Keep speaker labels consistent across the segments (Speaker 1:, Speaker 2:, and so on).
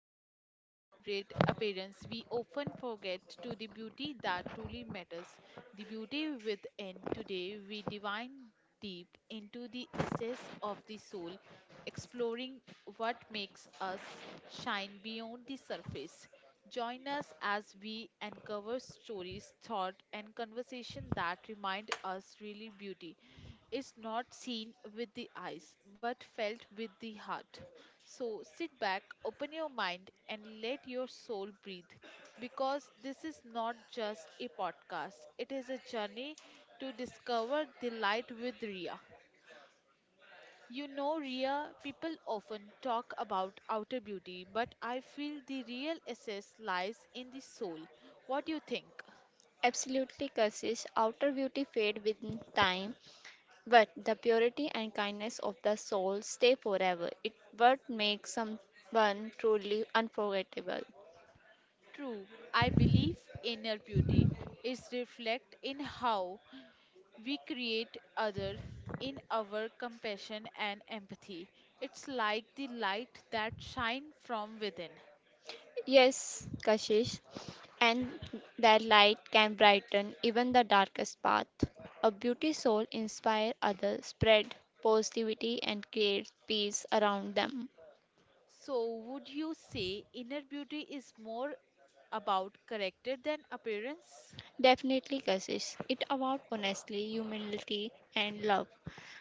Speaker 1: world that celebrates appearance, we often forget to the beauty that truly matters, the beauty within. Today, we divine deep into the essence of the soul, exploring what makes us shine beyond the surface. Join us as we uncover stories, thought, and conversation that remind us really beauty is not seen with the eyes but felt with the heart. So sit back, open your mind, and let your soul breathe because this is not just a podcast, it is a journey to discover the light with Ria. You know, Ria, people often talk about outer beauty, but I feel the real essence lies in the soul. What do you think?
Speaker 2: Absolutely, Kashish. Outer beauty fade with time, but the purity and kindness of the soul stay forever. It what makes someone truly unforgettable.
Speaker 1: True, I believe inner beauty is reflected in how we create other, in our compassion and empathy. It's like the light that shine from within.
Speaker 2: Yes, Kashish, and their light can brighten even the darkest path. A beauty soul inspire others, spread positivity and create peace around them.
Speaker 1: So would you say inner beauty is more about character than appearance?
Speaker 2: Definitely Kashish. It about honestly, humility and love.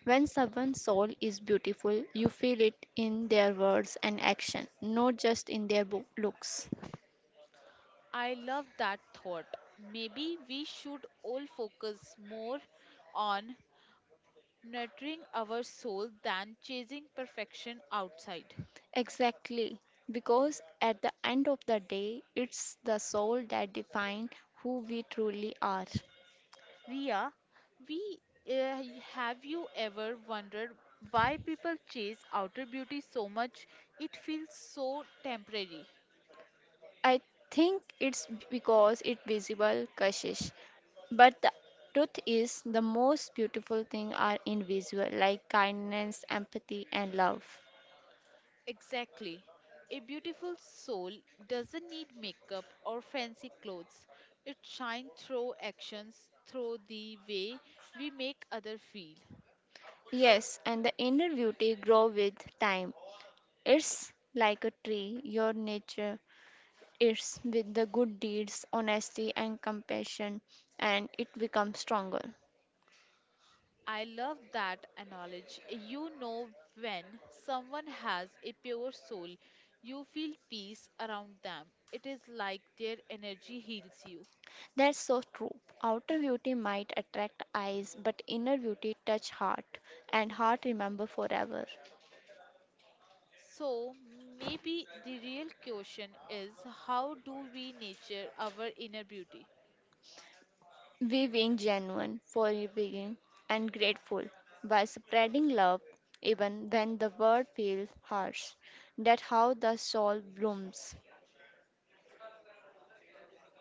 Speaker 2: When someone's soul is beautiful, you feel it in their words and action, not just in their looks.
Speaker 1: I love that thought. Maybe we should all focus more on nurturing our soul than chasing perfection outside.
Speaker 2: Exactly. Because at the end of the day, it's the soul that defines who we truly are.
Speaker 1: Ria, we have you ever wondered why people chase outer beauty so much? It feels so temporary.
Speaker 2: I think it's because it's visible, Kashish. But the truth is, the most beautiful things are invisible, like kindness, empathy, and love.
Speaker 1: Exactly. A beautiful soul doesn't need makeup or fancy clothes. It shines through actions, through the way we make others feel.
Speaker 2: Yes, and the inner beauty grow with time. It's like a tree, your nature is with the good deeds, honesty and compassion and it becomes stronger.
Speaker 1: I love that analogy. You know, when someone has a pure soul, you feel peace around them. It is like their energy heals you.
Speaker 2: That's so true. Outer beauty might attract eyes, but inner beauty touch heart and heart remember forever.
Speaker 1: So, maybe the real question is, how do we nurture our inner beauty?
Speaker 2: We being genuine, forgiving and grateful by spreading love even when the world feels harsh. That how the soul blooms.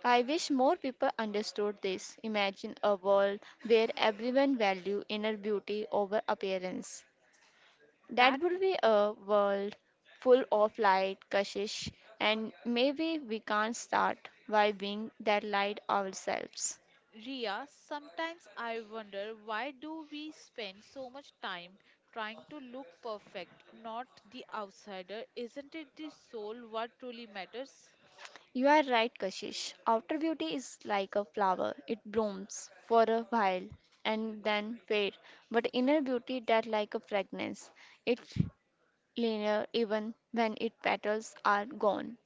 Speaker 2: I wish more people understood this. Imagine a world where everyone value inner beauty over appearance. That
Speaker 1: That,
Speaker 2: would be a world full of light, Kashish, and maybe we can't start by being that light ourselves.
Speaker 1: Ria, sometimes I wonder, why do we spend so much time trying to look perfect, not the outsider? Isn't it the soul what truly matters?
Speaker 2: You are right, Kashish. Outer beauty is like a flower. It blooms for a while and then fades. But inner beauty that like a fragrance. It's linear even when its petals are gone.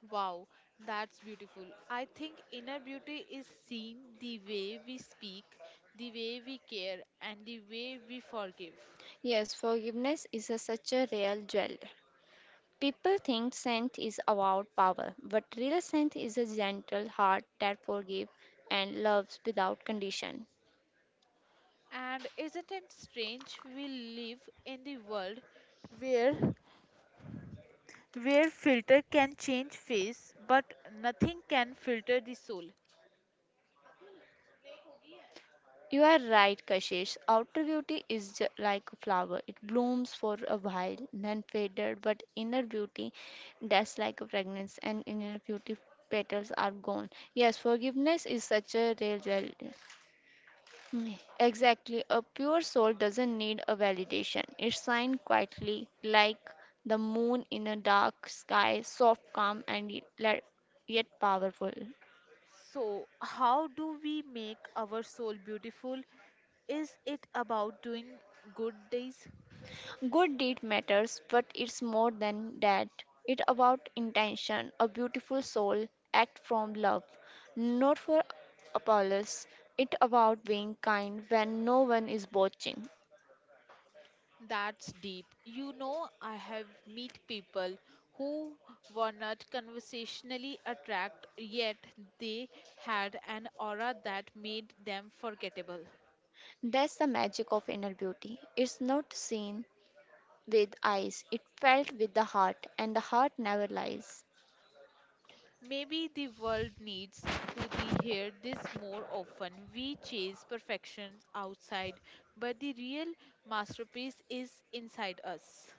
Speaker 1: Wow, that's beautiful. I think inner beauty is seen the way we speak, the way we care, and the way we forgive.
Speaker 2: Yes, forgiveness is a, such a real jewel. People think saint is about power, but real saint is a gentle heart that forgives and loves without condition.
Speaker 1: And isn't it strange we live in the world where where filter can change face but nothing can filter the soul.
Speaker 2: You are right, Kashish. Outer beauty is like a flower. It blooms for a while, then faded, but inner beauty, that's like a fragrance, and inner beauty petals are gone. Yes, forgiveness is such a real jewel. Mm, Exactly. A pure soul doesn't need a validation. It shines quietly like the moon in a dark sky, soft, calm, and yet powerful.
Speaker 1: So how do we make our soul beautiful? Is it about doing good deeds?
Speaker 2: Good deed matters, but it's more than that. It's about intention. A beautiful soul act from love, not for applause. It's about being kind when no one is watching.
Speaker 1: That's deep. You know, I have met people who were not conversationally attract, yet they had an aura that made them forgettable.
Speaker 2: That's the magic of inner beauty. It's not seen, with eyes, it felt with the heart, and the heart never lies.
Speaker 1: Maybe the world needs to the hear this more often. We chase perfection outside, but the real masterpiece is inside us.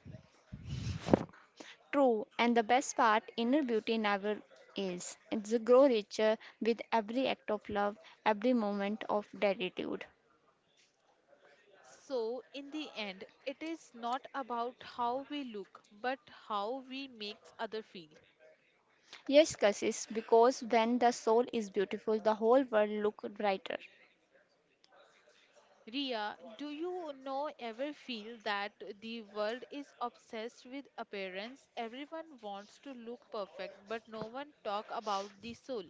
Speaker 2: True, and the best part, inner beauty never is. It's grow richer with every act of love, every moment of gratitude.
Speaker 1: So, in the end, it is not about how we look, but how we make others feel.
Speaker 2: Yes, Kassis, because when the soul is beautiful, the whole world look brighter.
Speaker 1: Ria, do you know ever feel that the world is obsessed with appearance? Everyone wants to look perfect, but no one talk about the soul.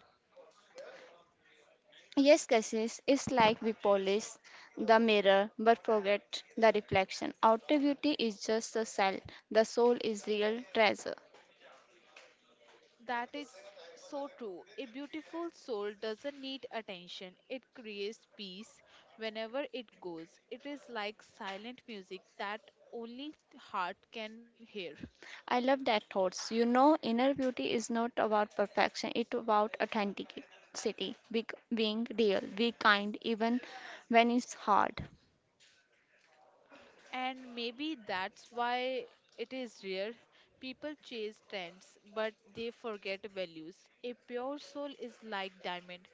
Speaker 2: Yes, Kassis, it's like we polish the mirror but forget the reflection. Outer beauty is just a shell, the soul is real treasure.
Speaker 1: That is so true. A beautiful soul doesn't need attention. It creates peace whenever it goes. It is like silent music that only heart can hear.
Speaker 2: I love that thoughts. Inner beauty is not about perfection, it's about authenticity, being real, be kind even when it's hard.
Speaker 1: And maybe that's why it is rare. People chase trends, but they forget values. A pure soul is like diamond,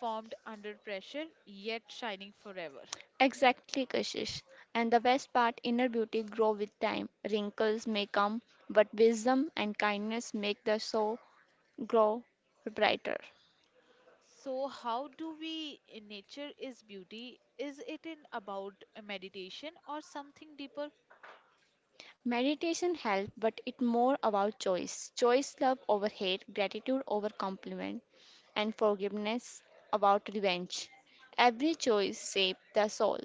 Speaker 1: formed under pressure, yet shining forever.
Speaker 2: Exactly, Kashish. And the best part, inner beauty grow with time. Wrinkles may come, but wisdom and kindness make the soul grow brighter.
Speaker 1: So, how do we in nature is beauty? Is it in about a meditation or something deeper?
Speaker 2: Meditation helps, but it's more about choice. Choice love over hate, gratitude over compliment, and forgiveness about revenge. Every choice shapes the soul.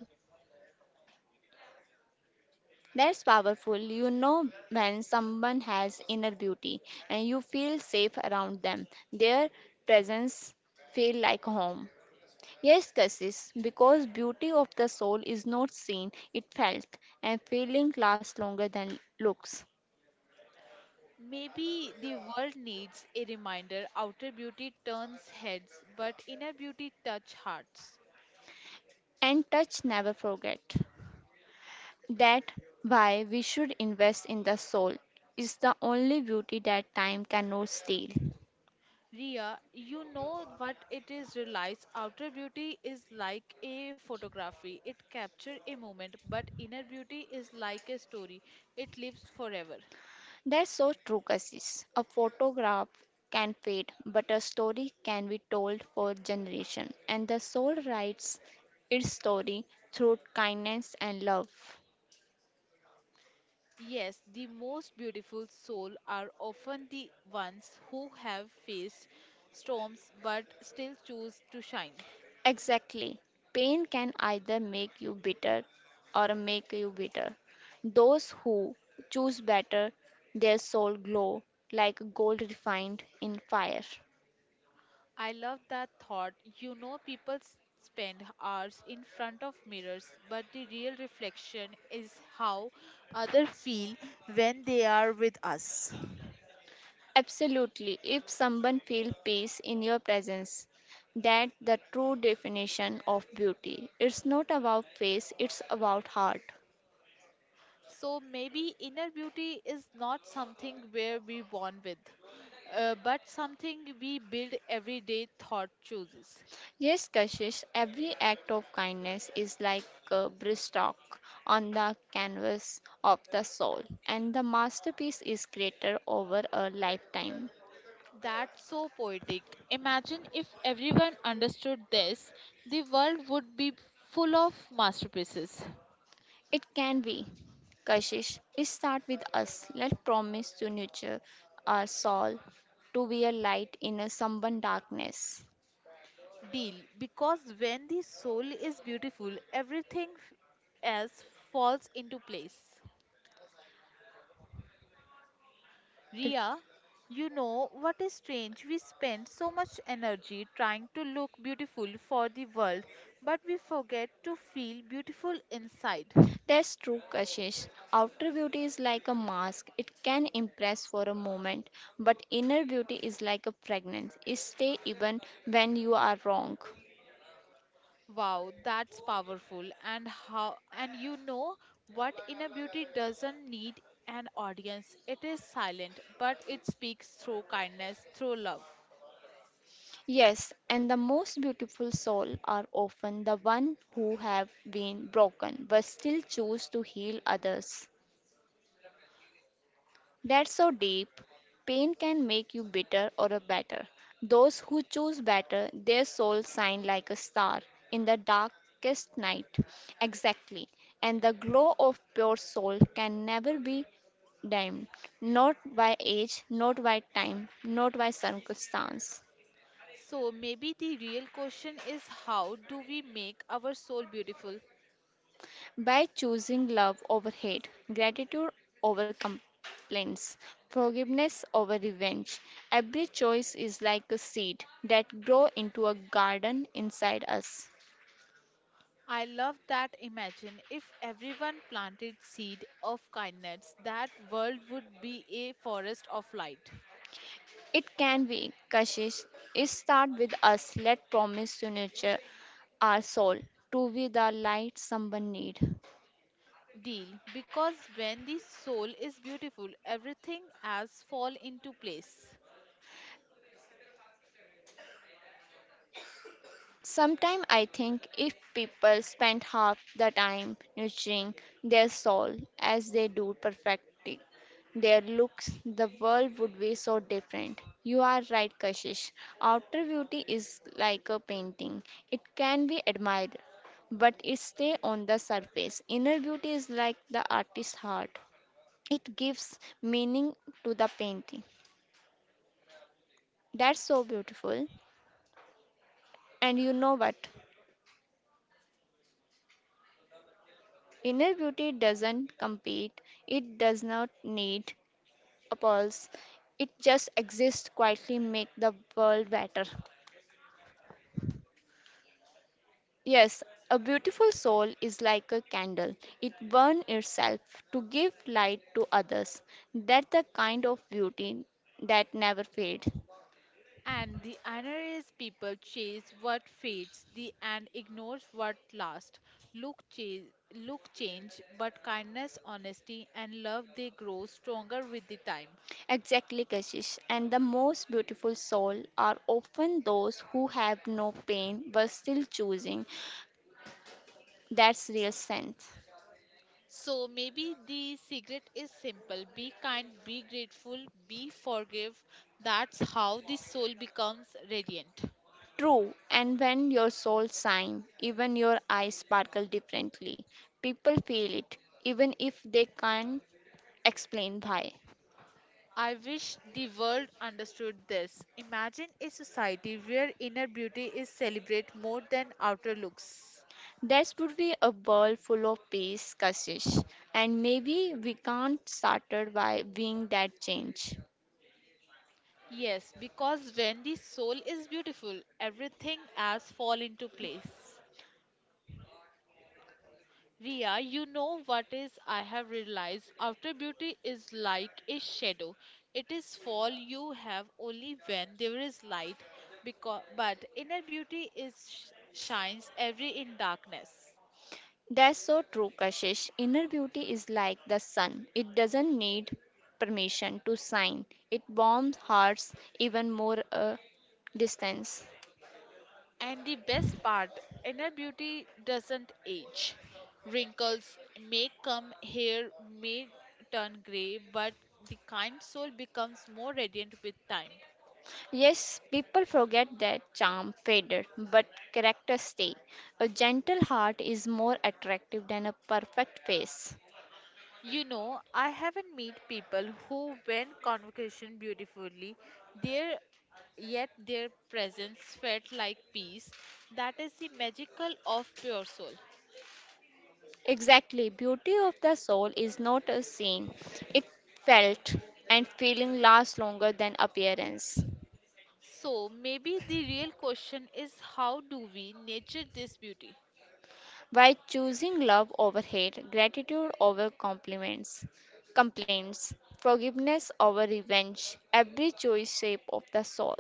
Speaker 2: That's powerful. You know when someone has inner beauty and you feel safe around them. Their presence feel like home. Yes, Cassis, because beauty of the soul is not seen, it felt, and feeling lasts longer than looks.
Speaker 1: Maybe the world needs a reminder, outer beauty turns heads, but inner beauty touch hearts.
Speaker 2: And touch never forget. That why we should invest in the soul is the only beauty that time cannot steal.
Speaker 1: Ria, you know what it is realized, outer beauty is like a photography. It captures a moment, but inner beauty is like a story. It lives forever.
Speaker 2: That's so true, Kassis. A photograph can fade, but a story can be told for generation, and the soul writes its story through kindness and love.
Speaker 1: Yes, the most beautiful souls are often the ones who have faced storms but still choose to shine.
Speaker 2: Exactly. Pain can either make you bitter or make you bitter. Those who choose better, their soul glow like gold refined in fire.
Speaker 1: I love that thought. You know, people spend hours in front of mirrors, but the real reflection is how others feel when they are with us.
Speaker 2: Absolutely. If someone feels peace in your presence, that's the true definition of beauty. It's not about face, it's about heart.
Speaker 1: So maybe inner beauty is not something where we born with, but something we build every day thought chooses.
Speaker 2: Yes, Kashish, every act of kindness is like a brushstroke on the canvas of the soul, and the masterpiece is created over a lifetime.
Speaker 1: That's so poetic. Imagine if everyone understood this, the world would be full of masterpieces.
Speaker 2: It can be. Kashish, it starts with us. Let's promise to nurture our soul to be a light in a someone darkness.
Speaker 1: Deal. Because when the soul is beautiful, everything else falls into place. Ria, you know what is strange? We spend so much energy trying to look beautiful for the world, but we forget to feel beautiful inside.
Speaker 2: That's true, Kashish. Outer beauty is like a mask. It can impress for a moment, but inner beauty is like a fragrance. It stay even when you are wrong.
Speaker 1: Wow, that's powerful. And how, and you know what, inner beauty doesn't need an audience. It is silent, but it speaks through kindness, through love.
Speaker 2: Yes, and the most beautiful soul are often the one who have been broken but still choose to heal others. That's so deep. Pain can make you bitter or a better. Those who choose better, their souls shine like a star in the darkest night. Exactly. And the glow of pure soul can never be dimmed, not by age, not by time, not by circumstance.
Speaker 1: So maybe the real question is, how do we make our soul beautiful?
Speaker 2: By choosing love over hate, gratitude over complaints, forgiveness over revenge, every choice is like a seed that grow into a garden inside us.
Speaker 1: I love that. Imagine if everyone planted seed of kindness, that world would be a forest of light.
Speaker 2: It can be, Kashish, it start with us. Let promise to nurture our soul to be the light someone need.
Speaker 1: Deal, because when the soul is beautiful, everything else fall into place.
Speaker 2: Sometimes I think if people spent half the time nurturing their soul as they do perfecting their looks, the world would be so different. You are right, Kashish. Outer beauty is like a painting, it can be admired, but it stays on the surface. Inner beauty is like the artist's heart, it gives meaning to the painting. That's so beautiful. And you know what? Inner beauty doesn't compete, it does not need applause, it just exists quietly, make the world better. Yes, a beautiful soul is like a candle. It burns itself to give light to others. That's the kind of beauty that never fades.
Speaker 1: And the other is, people chase what fades the and ignores what lasts. Look change, but kindness, honesty, and love, they grow stronger with the time.
Speaker 2: Exactly, Kashish. And the most beautiful soul are often those who have no pain but still choosing. That's real sense.
Speaker 1: So maybe the secret is simple. Be kind, be grateful, be forgive. That's how the soul becomes radiant.
Speaker 2: True, and when your soul shines, even your eyes sparkle differently. People feel it, even if they can't explain why.
Speaker 1: I wish the world understood this. Imagine a society where inner beauty is celebrated more than outer looks.
Speaker 2: There would be a world full of peace, Kashish, and maybe we can't started by being that change.
Speaker 1: Yes, because when the soul is beautiful, everything else fall into place. Ria, you know what is, I have realized outer beauty is like a shadow. It is fall you have only when there is light because, but inner beauty is shines every in darkness.
Speaker 2: That's so true, Kashish. Inner beauty is like the sun. It doesn't need permission to shine. It warms hearts even more a distance.
Speaker 1: And the best part, inner beauty doesn't age. Wrinkles may come, hair may turn gray, but the kind soul becomes more radiant with time.
Speaker 2: Yes, people forget that charm faded, but character stay. A gentle heart is more attractive than a perfect face.
Speaker 1: You know, I haven't met people who went convocation beautifully, their yet their presence felt like peace. That is the magical of pure soul.
Speaker 2: Exactly, beauty of the soul is not a scene. It felt and feeling lasts longer than appearance.
Speaker 1: So maybe the real question is, how do we nature this beauty?
Speaker 2: By choosing love over hate, gratitude over compliments, complaints, forgiveness over revenge, every choice shape of the soul.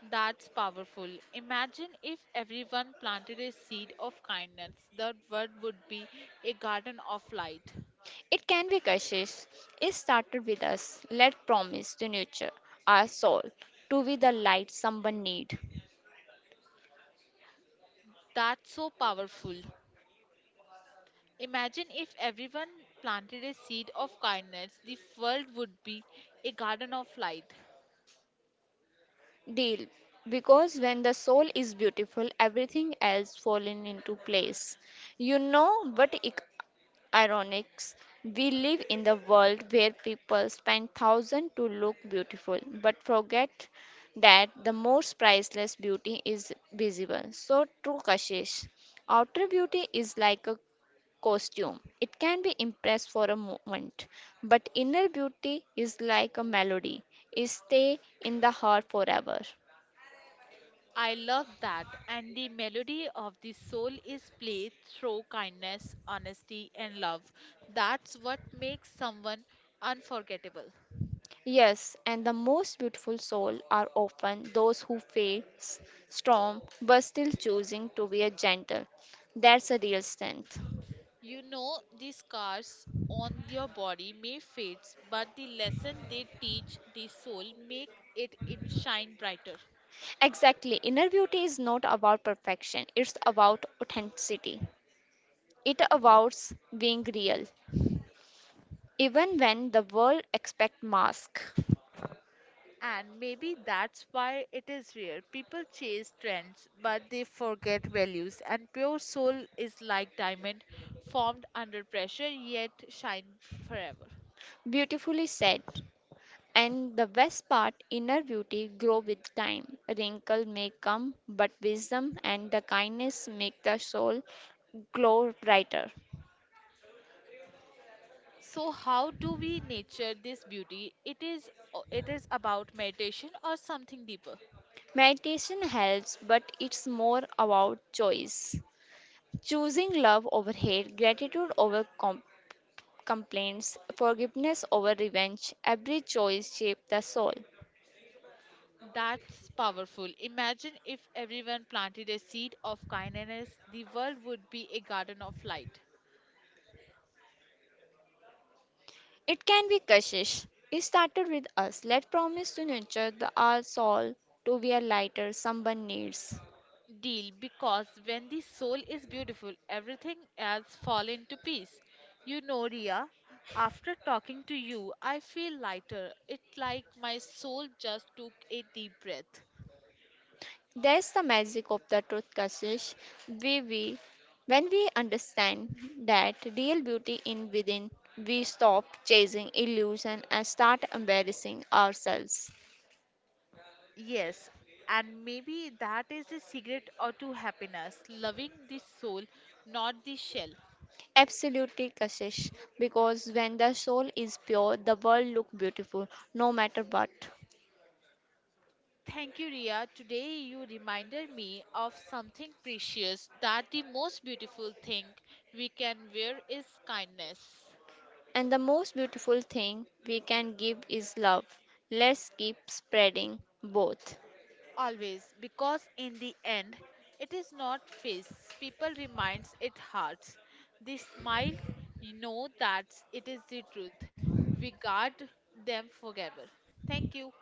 Speaker 1: That's powerful. Imagine if everyone planted a seed of kindness, the world would be a garden of light.
Speaker 2: It can be Kashish. It started with us. Let promise to nurture our soul to be the light someone need.
Speaker 1: That's so powerful. Imagine if everyone planted a seed of kindness, the world would be a garden of light.
Speaker 2: Deal. Because when the soul is beautiful, everything else falling into place. You know what ironics? We live in the world where people spend thousands to look beautiful, but forget that the most priceless beauty is visible. So true, Kashish. Outer beauty is like a costume. It can be impressed for a moment, but inner beauty is like a melody. It stay in the heart forever.
Speaker 1: I love that. And the melody of the soul is played through kindness, honesty, and love. That's what makes someone unforgettable.
Speaker 2: Yes, and the most beautiful soul are often those who face storm but still choosing to be a gentle. That's a real strength.
Speaker 1: You know, the scars on your body may fade, but the lesson they teach the soul make it in shine brighter.
Speaker 2: Exactly. Inner beauty is not about perfection. It's about authenticity. It avoids being real, even when the world expect mask.
Speaker 1: And maybe that's why it is rare. People chase trends, but they forget values. And pure soul is like diamond, formed under pressure yet shine forever.
Speaker 2: Beautifully said. And the best part, inner beauty grow with time. Wrinkle may come, but wisdom and the kindness make the soul glow brighter.
Speaker 1: So how do we nurture this beauty? It is about meditation or something deeper?
Speaker 2: Meditation helps, but it's more about choice. Choosing love over hate, gratitude over complaints, forgiveness over revenge. Every choice shapes the soul.
Speaker 1: That's powerful. Imagine if everyone planted a seed of kindness, the world would be a garden of light.
Speaker 2: It can be Kashish. It started with us. Let promise to nurture the our soul to be a lighter someone needs.
Speaker 1: Deal, because when the soul is beautiful, everything else fall into peace. You know, Ria, after talking to you, I feel lighter. It's like my soul just took a deep breath.
Speaker 2: There's the magic of the truth, Kashish. We, we, when we understand that real beauty in within, we stop chasing illusion and start embracing ourselves.
Speaker 1: Yes, and maybe that is the secret or to happiness, loving the soul, not the shell.
Speaker 2: Absolutely, Kashish. Because when the soul is pure, the world look beautiful, no matter what.
Speaker 1: Thank you, Ria. Today you reminded me of something precious, that the most beautiful thing we can wear is kindness.
Speaker 2: And the most beautiful thing we can give is love. Let's keep spreading both.
Speaker 1: Always, because in the end, it is not face. People reminds it hearts. They smile, you know that it is the truth. We guard them forever. Thank you.